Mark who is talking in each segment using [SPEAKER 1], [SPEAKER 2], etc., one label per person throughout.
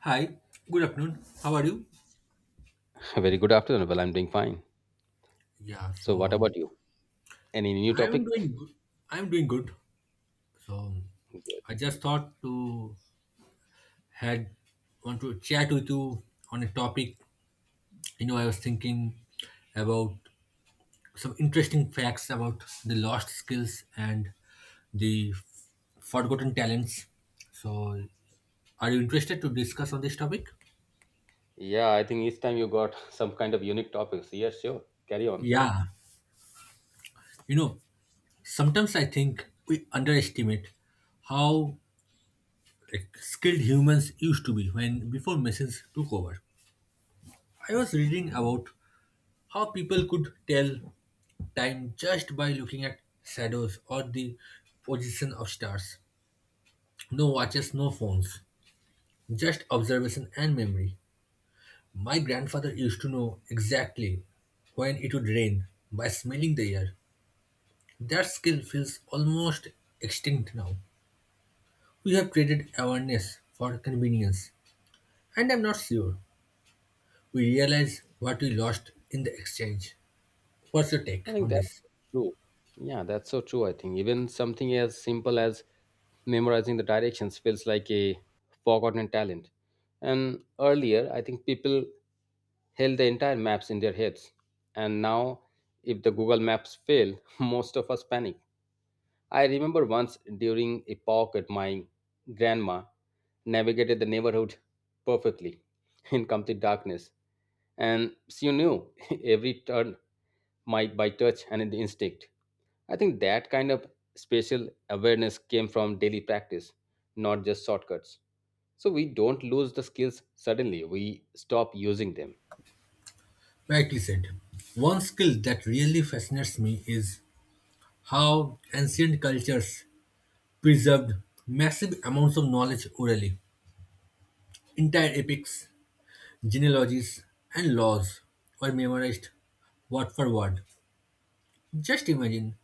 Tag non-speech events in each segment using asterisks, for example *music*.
[SPEAKER 1] Hi, good afternoon. How are you?
[SPEAKER 2] *laughs* A Very good afternoon. Well, I'm doing fine.
[SPEAKER 1] Yeah,
[SPEAKER 2] So, what
[SPEAKER 1] so
[SPEAKER 2] about you? Any new
[SPEAKER 1] I'm
[SPEAKER 2] topic?
[SPEAKER 1] doing good. I'm doing good. So I just thought to had want to chat with you on a topic. I was thinking about some interesting facts about the lost skills and the forgotten talents. So are you interested to discuss on this topic?
[SPEAKER 2] Yeah, I think each time you got *laughs* some kind of unique topics. Yeah, sure. Carry on.
[SPEAKER 1] Yeah, you know, sometimes I think we underestimate how, like, skilled humans used to be when before machines took over. I was reading about how people could tell time just by looking at shadows or the position of stars. No watches, no phones, just observation and memory. My grandfather used to know exactly when it would rain by smelling the air. That skill feels almost extinct now. We have traded awareness for convenience, and I'm not sure we realize what we lost in the exchange. What's your
[SPEAKER 2] I
[SPEAKER 1] take
[SPEAKER 2] think
[SPEAKER 1] on
[SPEAKER 2] that's
[SPEAKER 1] this?
[SPEAKER 2] true. Yeah, that's so true. I think even something as simple as memorizing the directions feels like a forgotten talent. And earlier, I think people held the entire maps in their heads. And now, if the Google Maps fail, *laughs* most of us panic. I remember once during a walk at my grandma navigated the neighborhood perfectly *laughs* in complete darkness, and she knew *laughs* every turn my by touch and the instinct. I think that kind of spatial awareness came from daily practice, not just shortcuts. So we don't lose the skills suddenly; we stop using them.
[SPEAKER 1] Rightly said. One skill that really fascinates me is how ancient cultures preserved massive amounts of knowledge orally. Entire epics, genealogies, and laws were memorized word for word. Just imagine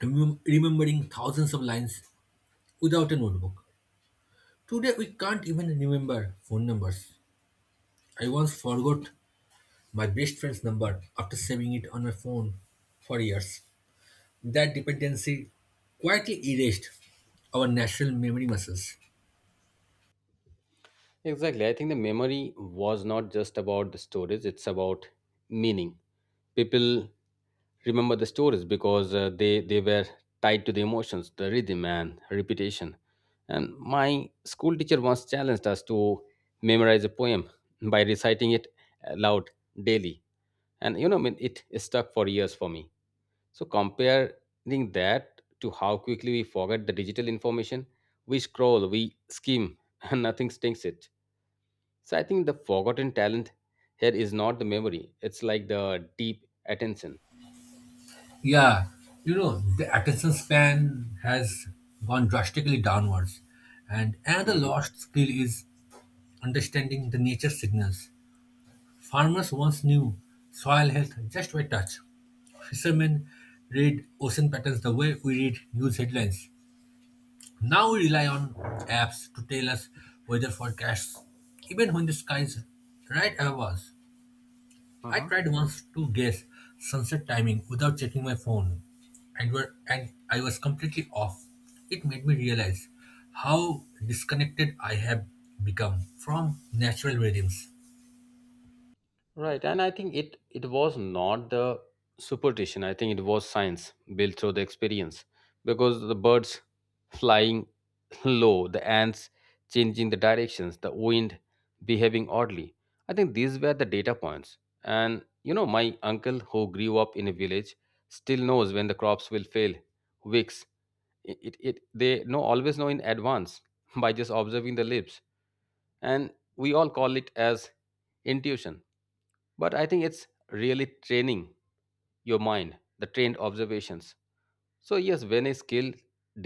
[SPEAKER 1] remembering thousands of lines without a notebook. Today we can't even remember phone numbers. I once forgot my best friend's number after saving it on my phone for years. That dependency quietly erased our natural memory muscles.
[SPEAKER 2] Exactly. I think the memory was not just about the storage, it's about meaning. People remember the stories because they were tied to the emotions, the rhythm and repetition, and my school teacher once challenged us to memorize a poem by reciting it aloud daily. And I mean, it stuck for years for me. So comparing that to how quickly we forget the digital information, we scroll, we skim, *laughs* and nothing stinks it. So I think the forgotten talent here is not the memory, it's like the deep attention.
[SPEAKER 1] Yeah, the attention span has gone drastically downwards. And another
[SPEAKER 2] Mhm.
[SPEAKER 1] lost skill is understanding the nature signals. Farmers once knew soil health just by touch. Fishermen read ocean patterns the way we read news headlines. Now we rely on apps to tell us weather forecasts, even when the sky is right above us. I
[SPEAKER 2] Uh-huh.
[SPEAKER 1] tried once to guess sunset timing without checking my phone, and I was completely off. It made me realize how disconnected I have become from natural rhythms.
[SPEAKER 2] Right, and I think it was not the superstition. I think it was science built through the experience, because the birds flying *laughs* low, the ants changing the directions, the wind behaving oddly. I think these were the data points. And my uncle who grew up in a village still knows when the crops will fail, weeks. It they know always know in advance *laughs* by just observing the leaves, and we all call it as intuition, but I think it's really training your mind, the trained observations. So yes, when a skill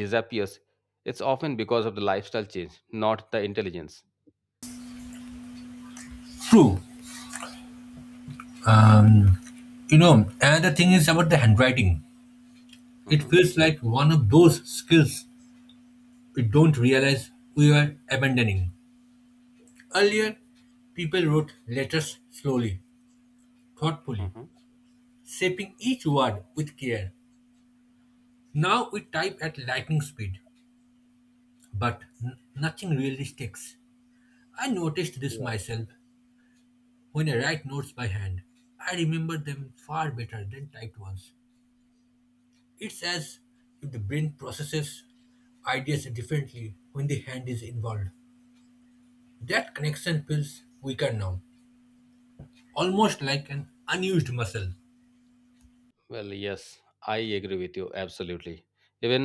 [SPEAKER 2] disappears, it's often because of the lifestyle change, not the intelligence.
[SPEAKER 1] True. Um, another thing is about the handwriting. It
[SPEAKER 2] Hmm.
[SPEAKER 1] feels like one of those skills we don't realize we are abandoning. Earlier, people wrote letters slowly, thoughtfully,
[SPEAKER 2] Hmm.
[SPEAKER 1] shaping each word with care. Now we type at lightning speed, but nothing really sticks. I noticed this
[SPEAKER 2] Right.
[SPEAKER 1] myself when I write notes by hand. I remember them far better than typed ones. It's as if the brain processes ideas differently when the hand is involved. That connection feels weaker now, almost like an unused muscle.
[SPEAKER 2] Well, yes, I agree with you absolutely. Even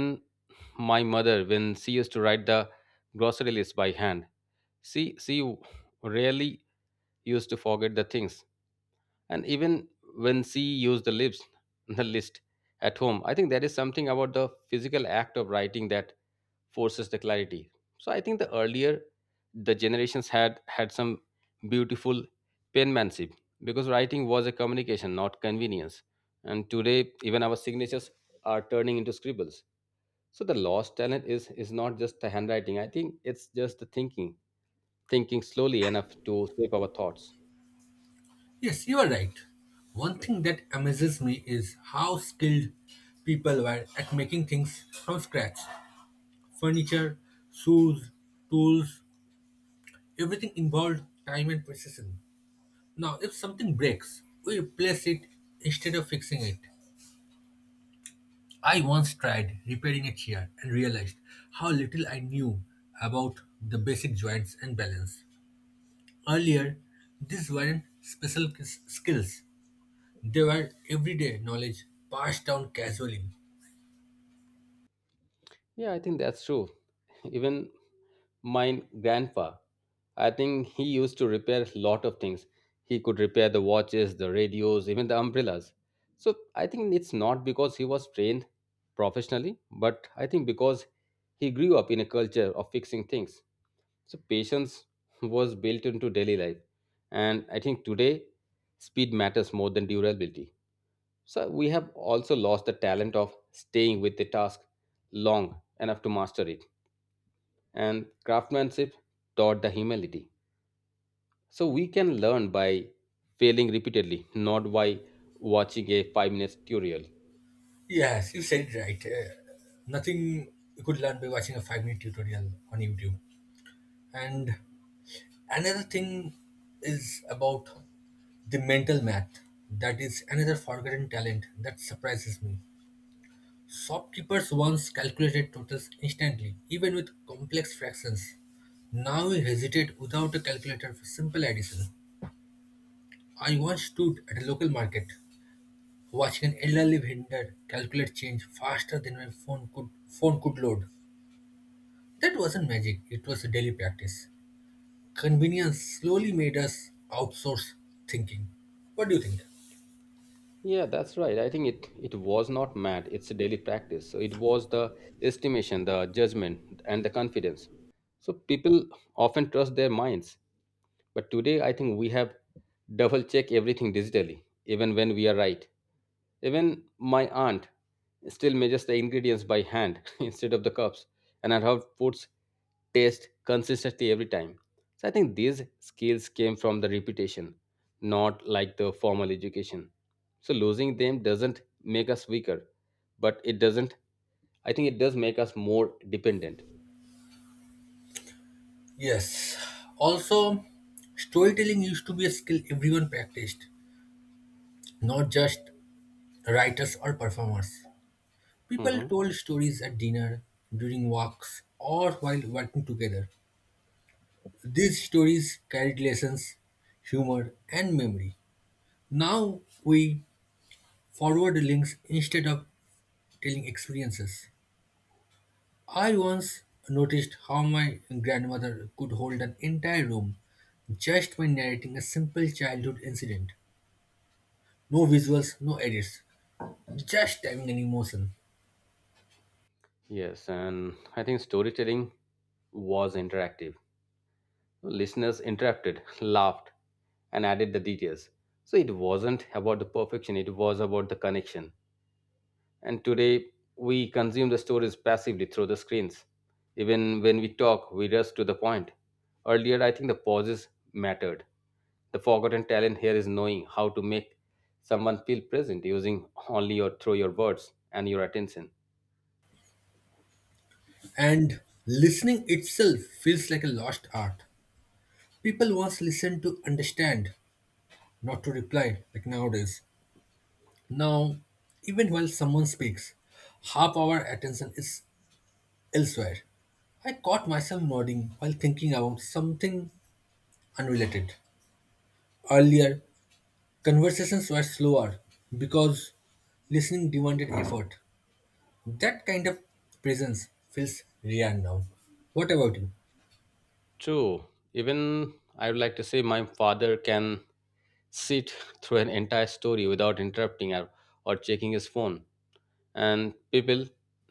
[SPEAKER 2] my mother, when she used to write the grocery list by hand, she rarely used to forget the things. And even when she used the lips, *laughs* the list at home, I think there is something about the physical act of writing that forces the clarity. So I think the earlier the generations had had some beautiful penmanship, because writing was a communication not convenience. And today even our signatures are turning into scribbles. So the lost talent is not just the handwriting, I think it's just the thinking. Thinking slowly enough to shape our thoughts.
[SPEAKER 1] Yes, you are right. One thing that amazes me is how skilled people were at making things from scratch. Furniture, shoes, tools, everything involved time and precision. Now, if something breaks, we replace it instead of fixing it. I once tried repairing a chair and realized how little I knew about the basic joints and balance. Earlier, these weren't special skills. They were everyday knowledge passed down casually.
[SPEAKER 2] Yeah, I think that's true. Even mine grandpa. I think he used to repair a lot of things. He could repair the watches, the radios, even the umbrellas. So I think it's not because he was trained professionally, but I think because he grew up in a culture of fixing things. So patience *laughs* was built into daily life. And I think today, speed matters more than durability. So we have also lost the talent of staying with the task long enough to master it, and craftsmanship taught the humility. So we can learn by failing repeatedly, not by watching a 5 minutes tutorial.
[SPEAKER 1] Yes, you said it right. Nothing you could learn by watching a 5-minute tutorial on YouTube. And another thing is about the mental math. That is another forgotten talent that surprises me. Shopkeepers once calculated totals instantly, even with complex fractions. Now we hesitate without a calculator for simple addition. I once stood at a local market watching an elderly vendor calculate change faster than my phone could load. That wasn't magic, it was a daily practice. Convenience slowly made us outsource thinking. What do you think?
[SPEAKER 2] Yeah, that's right. I think it was not math; it's a daily practice. So it was the estimation, the judgment, and the confidence. So people often trust their minds, but today, I think we have double check everything digitally, even when we are right. Even my aunt still measures the ingredients by hand *laughs* instead of the cups, and her outputs taste consistently every time. So I think these skills came from the reputation, not like the formal education. So losing them doesn't make us weaker, but it doesn't. I think it does make us more dependent.
[SPEAKER 1] Yes. Also, storytelling used to be a skill everyone practiced, not just writers or performers. People
[SPEAKER 2] Hmm.
[SPEAKER 1] told stories at dinner, during walks, or while working together. These stories carried lessons, humor, and memory. Now we forward links instead of telling experiences. I once noticed how my grandmother could hold an entire room just by narrating a simple childhood incident. No visuals, no edits, just having an emotion.
[SPEAKER 2] Yes, and I think storytelling was interactive. Listeners interrupted, *laughs* laughed, and added the details. So it wasn't about the perfection, it was about the connection. And today, we consume the stories passively through the screens. Even when we talk, we rush to the point. Earlier, I think the pauses mattered. The forgotten talent here is knowing how to make someone feel present using only your through your words and your attention.
[SPEAKER 1] And listening itself feels like a lost art. People once listened to understand, not to reply, like nowadays. Now, even while someone speaks, half our attention is elsewhere. I caught myself nodding while thinking about something unrelated. Earlier, conversations were slower because listening demanded effort. That kind of presence feels rare now. What about you?
[SPEAKER 2] True. Even I would like to say my father can sit through an entire story without interrupting, or checking his phone, and people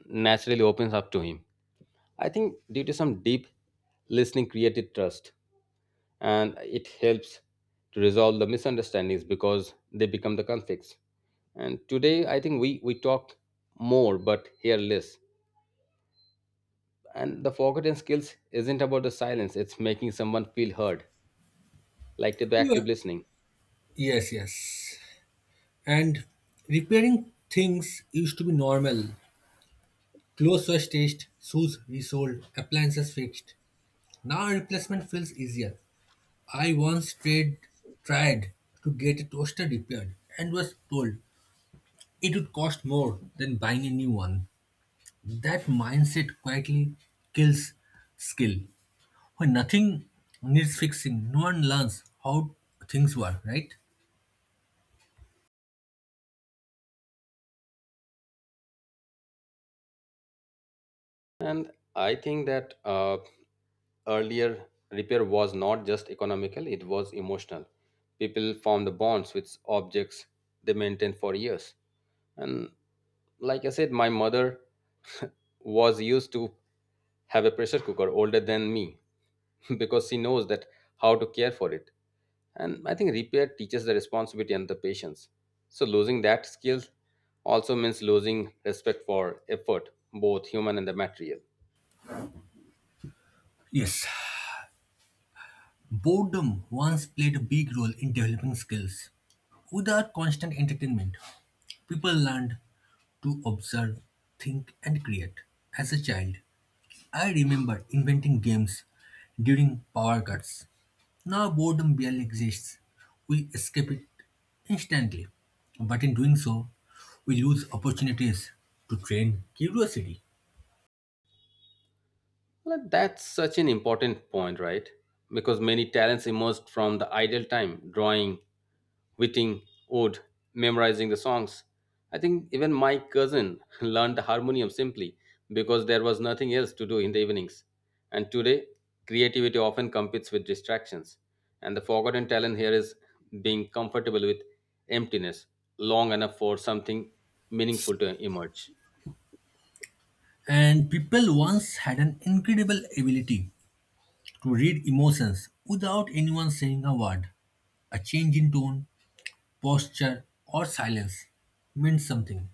[SPEAKER 2] naturally opens up to him. I think due to some deep listening created trust, and it helps to resolve the misunderstandings because they become the conflicts. And today, I think we talk more but hear less. And the forgotten skills isn't about the silence; it's making someone feel heard, like to the
[SPEAKER 1] You
[SPEAKER 2] active
[SPEAKER 1] are-
[SPEAKER 2] listening.
[SPEAKER 1] Yes, yes. And repairing things used to be normal. Clothes were stitched, shoes resold, appliances fixed. Now replacement feels easier. I once tried to get a toaster repaired and was told it would cost more than buying a new one. That mindset quietly kills skill. When nothing needs fixing, no one learns how things work, right?
[SPEAKER 2] And I think that earlier repair was not just economical, it was emotional. People formed the bonds with objects they maintained for years. And like I said, my mother *laughs* was used to have a pressure cooker older than me, *laughs* because she knows that how to care for it. And I think repair teaches the responsibility and the patience. So losing that skill also means losing respect for effort, both human and the material.
[SPEAKER 1] Yes, boredom once played a big role in developing skills. Without constant entertainment, people learned to observe, think, and create as a child. I remember inventing games during power cuts. Now boredom barely exists. We escape it instantly. But in doing so, we lose opportunities to train curiosity.
[SPEAKER 2] Well, that's such an important point, right? Because many talents emerged from the idle time, drawing, witting ode, memorizing the songs. I think even my cousin *laughs* learned the harmonium simply because there was nothing else to do in the evenings. And today, creativity often competes with distractions. And the forgotten talent here is being comfortable with emptiness long enough for something meaningful to emerge.
[SPEAKER 1] And people once had an incredible ability to read emotions without anyone saying a word. A change in tone, posture, or silence meant something.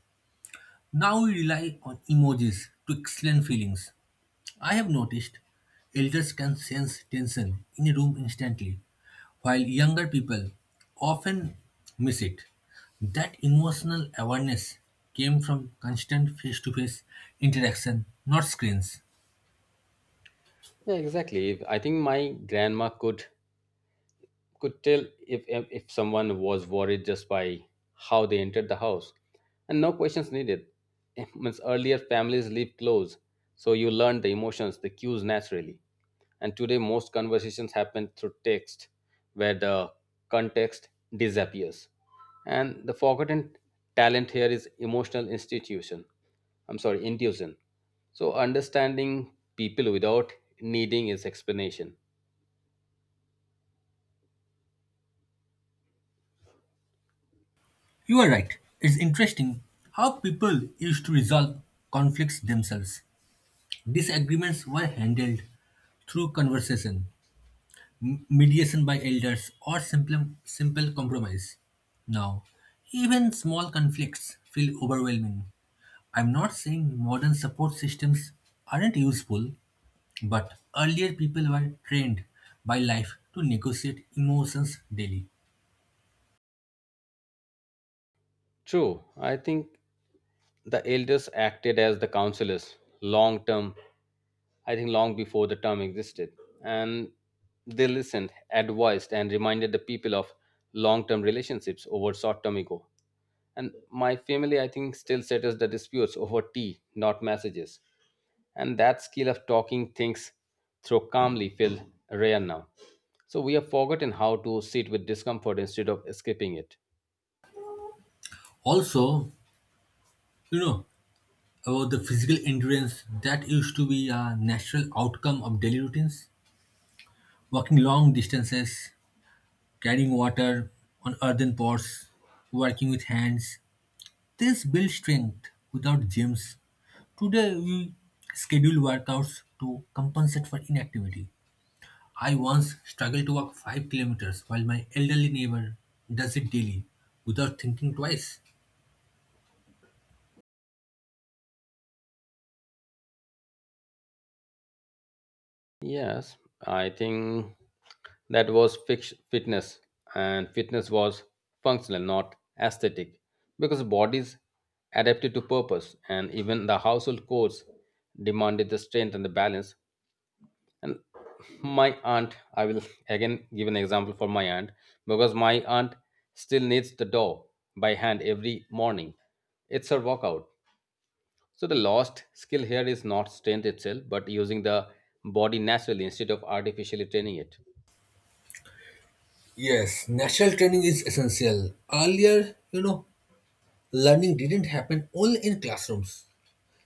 [SPEAKER 1] Now we rely on emojis to explain feelings. I have noticed elders can sense tension in a room instantly, while younger people often miss it. That emotional awareness came from constant face to face interaction, not screens.
[SPEAKER 2] Yeah, exactly. I think my grandma could tell if someone was worried just by how they entered the house. And no questions needed. *laughs* It means earlier families lived close, so you learned the emotions, the cues naturally. And today most conversations happen through text, where the context disappears. And the forgotten talent here is emotional institution. I'm sorry, intuition. So understanding people without needing is explanation.
[SPEAKER 1] You are right. It's interesting how people used to resolve conflicts themselves. Disagreements were handled through conversation, mediation by elders, or simple compromise. Now, even small conflicts feel overwhelming. I'm not saying modern support systems aren't useful, but earlier people were trained by life to negotiate emotions daily.
[SPEAKER 2] True. I think the elders acted as the counselors long term, I think long before the term existed. And they listened, advised, and reminded the people of long term relationships over short term ego. And my family, I think, still settles the disputes over tea, not messages. And that skill of talking things through calmly feels rare now. So we have forgotten how to sit with discomfort instead of escaping it.
[SPEAKER 1] Also, you know, about the physical endurance that used to be a natural outcome of daily routines. Walking long distances, carrying water on earthen pots, working with hands. This builds strength without gyms. Today we schedule workouts to compensate for inactivity. I once struggled to walk 5 kilometers while my elderly neighbor does it daily without thinking twice.
[SPEAKER 2] Yes, I think that was fitness, and fitness was functional not aesthetic, because bodies adapted to purpose, and even the household chores demanded the strength and the balance. And my aunt, I will again give an example for my aunt, because my aunt still knits the dough by hand every morning. It's her workout. So the lost skill here is not strength itself, but using the body naturally instead of artificially training it.
[SPEAKER 1] Yes, natural training is essential. Earlier, learning didn't happen only in classrooms.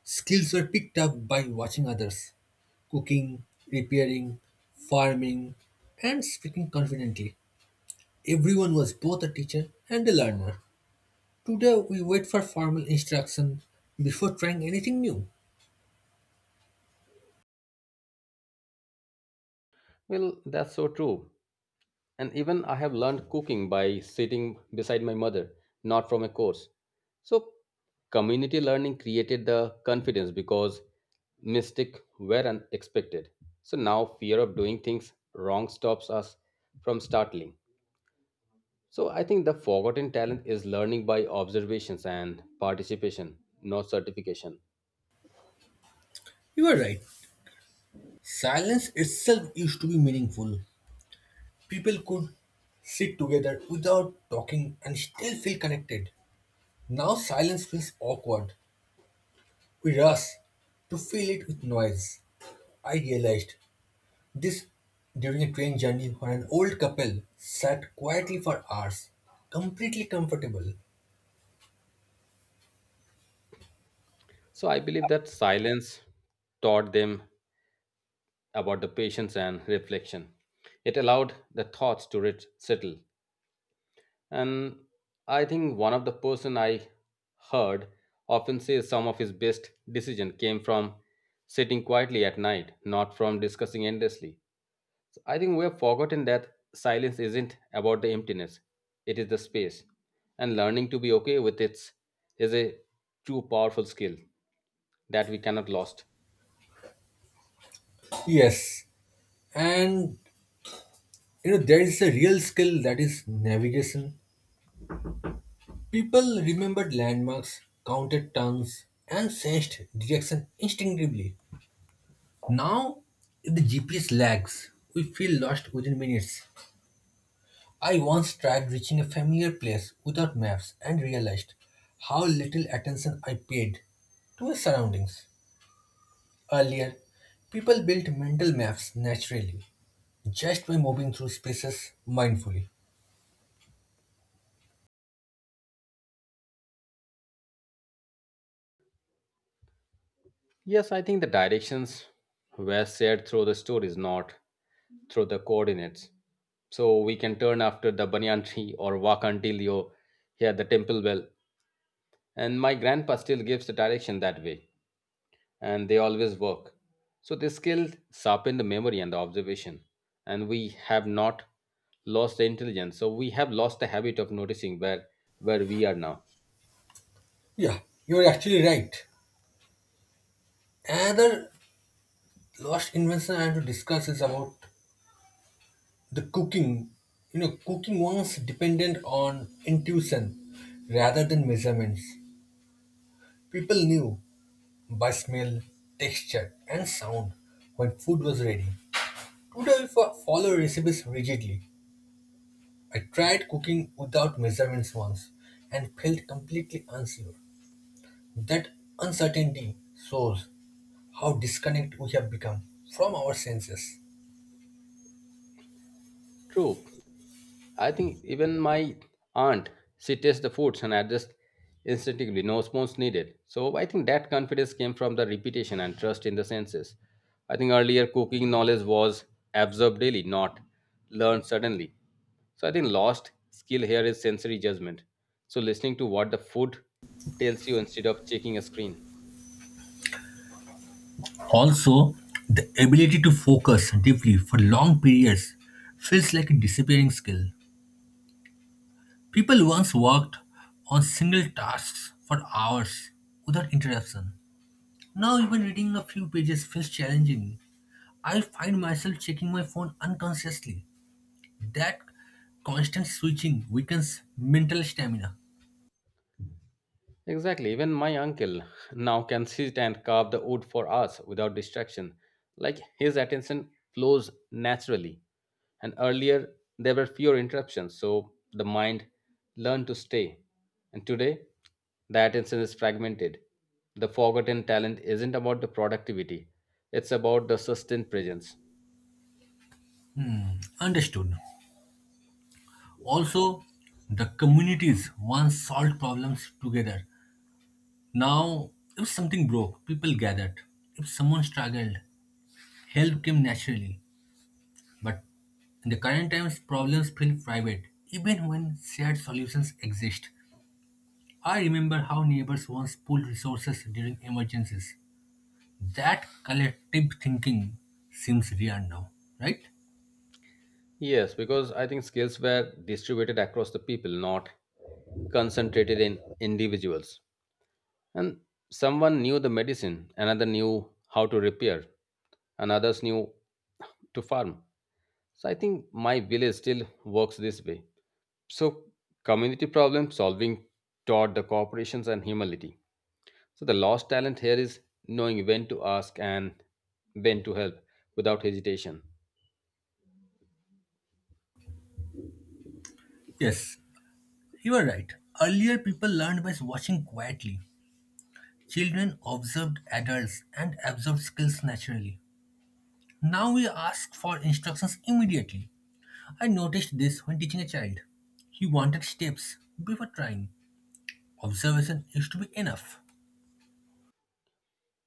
[SPEAKER 1] Skills were picked up by watching others cooking, repairing, farming, and speaking confidently. Everyone was both a teacher and a learner. Today we wait for formal instruction before trying anything new.
[SPEAKER 2] Well, that's so true. And even I have learned cooking by sitting beside my mother, not from a course. So community learning created the confidence, because mistakes were unexpected. So now fear of doing things wrong stops us from startling. So I think the forgotten talent is learning by observations and participation, not certification.
[SPEAKER 1] You are right. Silence itself used to be meaningful. People could sit together without talking and still feel connected. Now silence feels awkward. We rush to fill it with noise. I realized this during a train journey when an old couple sat quietly for hours, completely comfortable.
[SPEAKER 2] So I believe that silence taught them about the patience and reflection. It allowed the thoughts to settle. And I think one of the person I heard often says some of his best decision came from sitting quietly at night, not from discussing endlessly. So I think we have forgotten that silence isn't about the emptiness; it is the space. And learning to be okay with its a true powerful skill that we cannot lost.
[SPEAKER 1] Yes, and there is a real skill that is navigation. People remembered landmarks, counted turns, and sensed direction instinctively. Now, if the GPS lags, we feel lost within minutes. I once tried reaching a familiar place without maps and realized how little attention I paid to my surroundings. Earlier, people built mental maps naturally, just by moving through spaces mindfully.
[SPEAKER 2] Yes, I think the directions were shared through the stories, not through the coordinates. So we can turn after the banyan tree or walk until you hear the temple bell. And my grandpa still gives the direction that way, and they always work. So this skill sharpened the memory and the observation, and we have not lost the intelligence. So we have lost the habit of noticing where we are now.
[SPEAKER 1] Yeah, you're actually right. Another lost invention I want to discuss is about the cooking. Cooking was dependent on intuition rather than measurements. People knew by smell, texture, and sound when food was ready. Today, we follow recipes rigidly. I tried cooking without measurements once and felt completely unsure. That uncertainty shows how disconnected we have become from our senses.
[SPEAKER 2] True. I think even my aunt, she tastes the foods and adjusts instinctively, no spoons needed. So I think that confidence came from the repetition and trust in the senses. I think earlier cooking knowledge was absorbed daily, not learned suddenly. So I think lost skill here is sensory judgment. So listening to what the food tells you instead of checking a screen.
[SPEAKER 1] Also, the ability to focus deeply for long periods feels like a disappearing skill. People once worked on single tasks for hours without interruption. Now, even reading a few pages feels challenging. I find myself checking my phone unconsciously. That constant switching weakens mental stamina.
[SPEAKER 2] Exactly. Even my uncle now can sit and carve the wood for us without distraction. Like his attention flows naturally. And earlier, there were fewer interruptions, so the mind learned to stay. And today, the attention is fragmented. The forgotten talent isn't about the productivity, it's about the sustained presence.
[SPEAKER 1] Hmm, understood. Also, the communities once solved problems together. Now, if something broke, people gathered. If someone struggled, help came naturally. But in the current times, problems feel private, even when shared solutions exist. I remember how neighbors once pooled resources during emergencies. That collective thinking seems rare now, right?
[SPEAKER 2] Yes, because I think skills were distributed across the people, not concentrated in individuals. And someone knew the medicine, another knew how to repair, and others knew to farm. So I think my village still works this way. So community problem solving taught the cooperations and humility. So the lost talent here is knowing when to ask and when to help without hesitation.
[SPEAKER 1] Yes, you are right. Earlier, people learned by watching quietly. Children observed adults and absorbed skills naturally. Now we ask for instructions immediately. I noticed this when teaching a child. He wanted steps before trying. Observation used to be enough.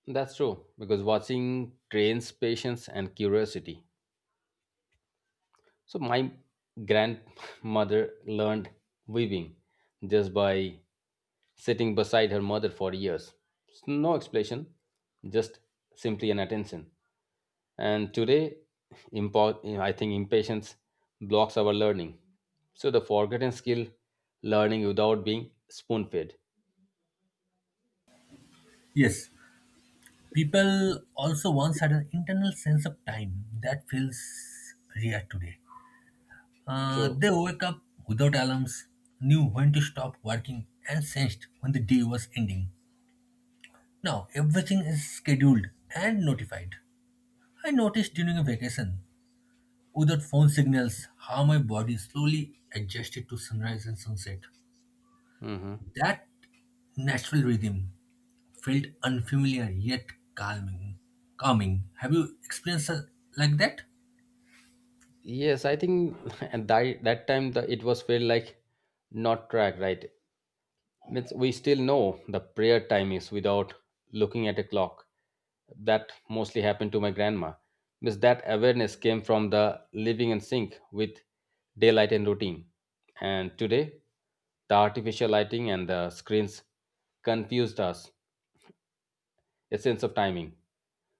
[SPEAKER 2] That's true because watching trains patience and curiosity. So my grandmother learned weaving just by sitting beside her mother for years. No explanation, just simply an attention. And today, I think impatience blocks our learning. So the forgotten skill, learning without being spoon-fed.
[SPEAKER 1] Yes, people also once had an internal sense of time that feels rare today. Uh,
[SPEAKER 2] True.
[SPEAKER 1] they woke up without alarms, knew when to stop working, and sensed when the day was ending. Now everything is scheduled and notified. I noticed during a vacation, without phone signals, how my body slowly adjusted to sunrise and sunset.
[SPEAKER 2] Hmm.
[SPEAKER 1] That natural rhythm felt unfamiliar yet calming. Calming. Have you experienced like that?
[SPEAKER 2] Yes, I think *laughs* at that time it was felt like not track, right? Means we still know the prayer time is without looking at a clock. That mostly happened to my grandma. Means that awareness came from the living in sync with daylight and routine. And today the artificial lighting and the screens confused us a sense of timing.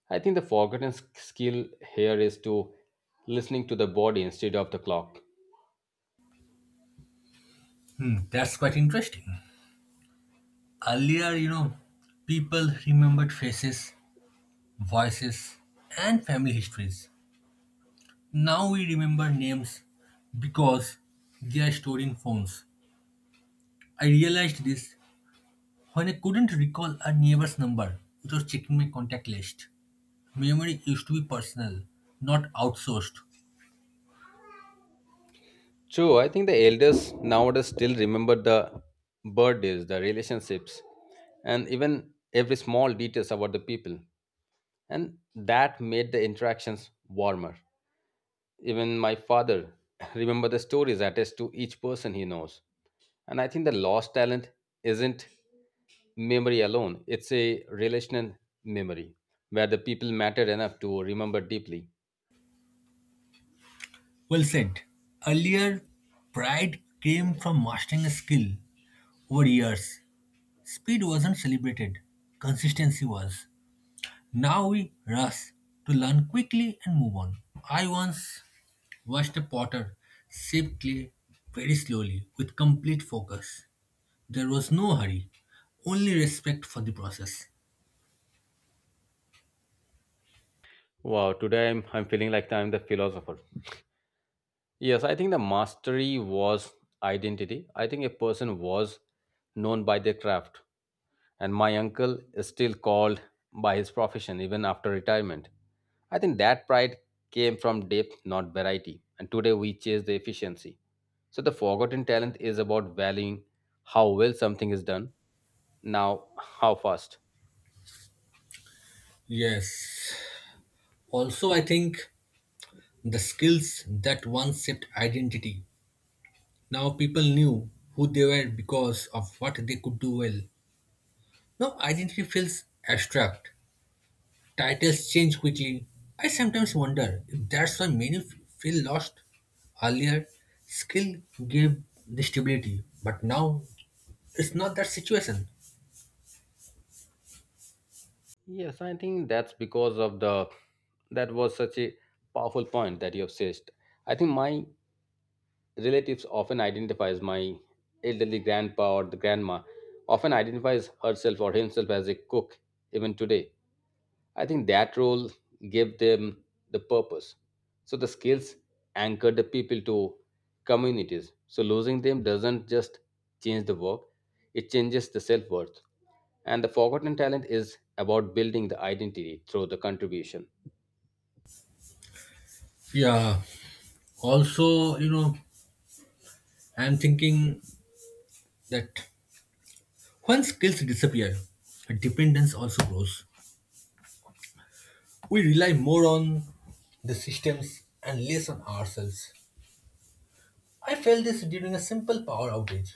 [SPEAKER 2] I think the forgotten skill here is to listening to the body instead of the clock.
[SPEAKER 1] Hmm, that's quite interesting. Earlier, people remembered faces, voices, and family histories. Now we remember names because they are stored in phones. I realized this when I couldn't recall a neighbor's number without checking my contact list. Memory used to be personal, not outsourced.
[SPEAKER 2] True, I think the elders nowadays still remember the birthdays, the relationships, and even every small details about the people. And that made the interactions warmer. Even my father *laughs* remember the stories attached to each person he knows. And I think the lost talent isn't memory alone, it's a relational memory where the people mattered enough to remember deeply.
[SPEAKER 1] Well said. Earlier, pride came from mastering a skill over years. Speed wasn't celebrated, consistency was. Now we rush to learn quickly and move on. I once watched a potter shape clay very slowly with complete focus. There was no hurry, only respect for the process.
[SPEAKER 2] Wow, today I'm feeling like I'm the philosopher. Yes, I think the mastery was identity. I think a person was known by their craft. And my uncle is still called by his profession even after retirement. I think that pride came from depth, not variety. And today we chase the efficiency. So the forgotten talent is about valuing how well something is done, now how fast.
[SPEAKER 1] Yes. Also, I think the skills that once shaped identity. Now people knew who they were because of what they could do well. Now identity feels abstract. Titles change quickly. I sometimes wonder if that's why many feel lost. Earlier, skill gave the stability, but now it's not that situation.
[SPEAKER 2] Yes, I think that's because of the that was such a powerful point that you have said. I think my relatives often identify as my elderly grandpa or the grandma often identifies herself or himself as a cook even today. I think that role gave them the purpose. So the skills anchor the people to communities. So losing them doesn't just change the work, it changes the self-worth. And the forgotten talent is about building the identity through the contribution.
[SPEAKER 1] Yeah. Also, I'm thinking that when skills disappear, dependence also grows. We rely more on the systems and less on ourselves. I felt this during a simple power outage.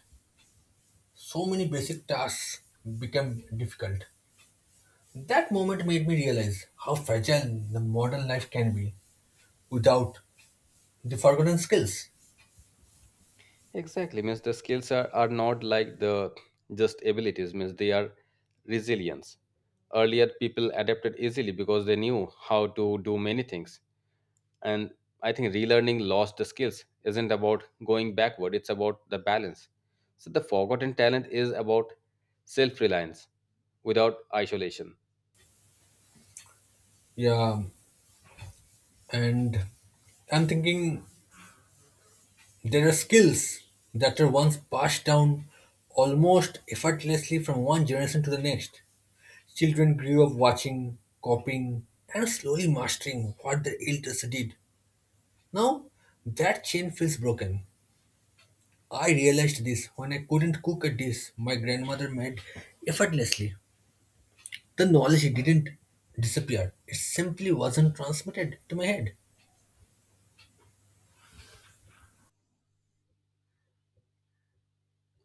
[SPEAKER 1] So many basic tasks became difficult. That moment made me realize how fragile the modern life can be without the forgotten skills.
[SPEAKER 2] Exactly, means the skills are not like the just abilities, means they are resilience. Earlier, people adapted easily because they knew how to do many things. And I think relearning lost the skills isn't about going backward, it's about the balance. So, the forgotten talent is about self reliance without isolation.
[SPEAKER 1] Yeah, and I'm thinking there are skills that are once passed down almost effortlessly from one generation to the next. Children grew up watching, copying, and slowly mastering what their elders did. Now, that chain feels broken. I realized this when I couldn't cook a dish my grandmother made effortlessly. The knowledge didn't disappear, it simply wasn't transmitted to my head.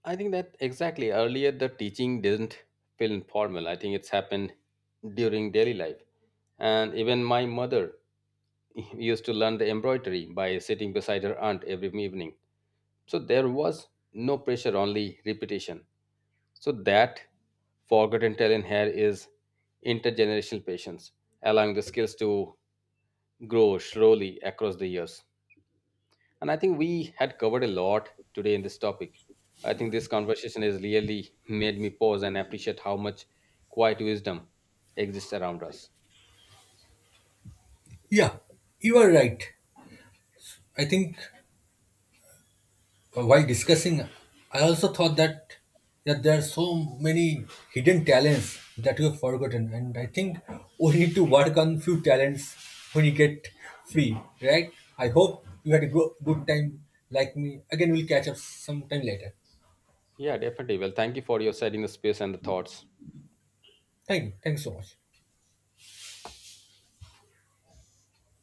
[SPEAKER 2] I think that exactly earlier the teaching didn't feel informal. I think it's happened during daily life. And even my mother *laughs* used to learn the embroidery by sitting beside her aunt every evening. So there was no pressure, only repetition. So that forgotten talent here is intergenerational patience, allowing the skills to grow slowly across the years. And I think we had covered a lot today in this topic. I think this conversation has really made me pause and appreciate how much quiet wisdom exists around us.
[SPEAKER 1] Yeah, you are right. I think while discussing, I also thought that there are so many hidden talents that we have forgotten, and I think we need to work on few talents when you get free, right? I hope you had a good time like me. Again, we'll catch up sometime later.
[SPEAKER 2] Yeah, definitely. Well, thank you for your setting the space and the thoughts.
[SPEAKER 1] Thank you. Thanks so much.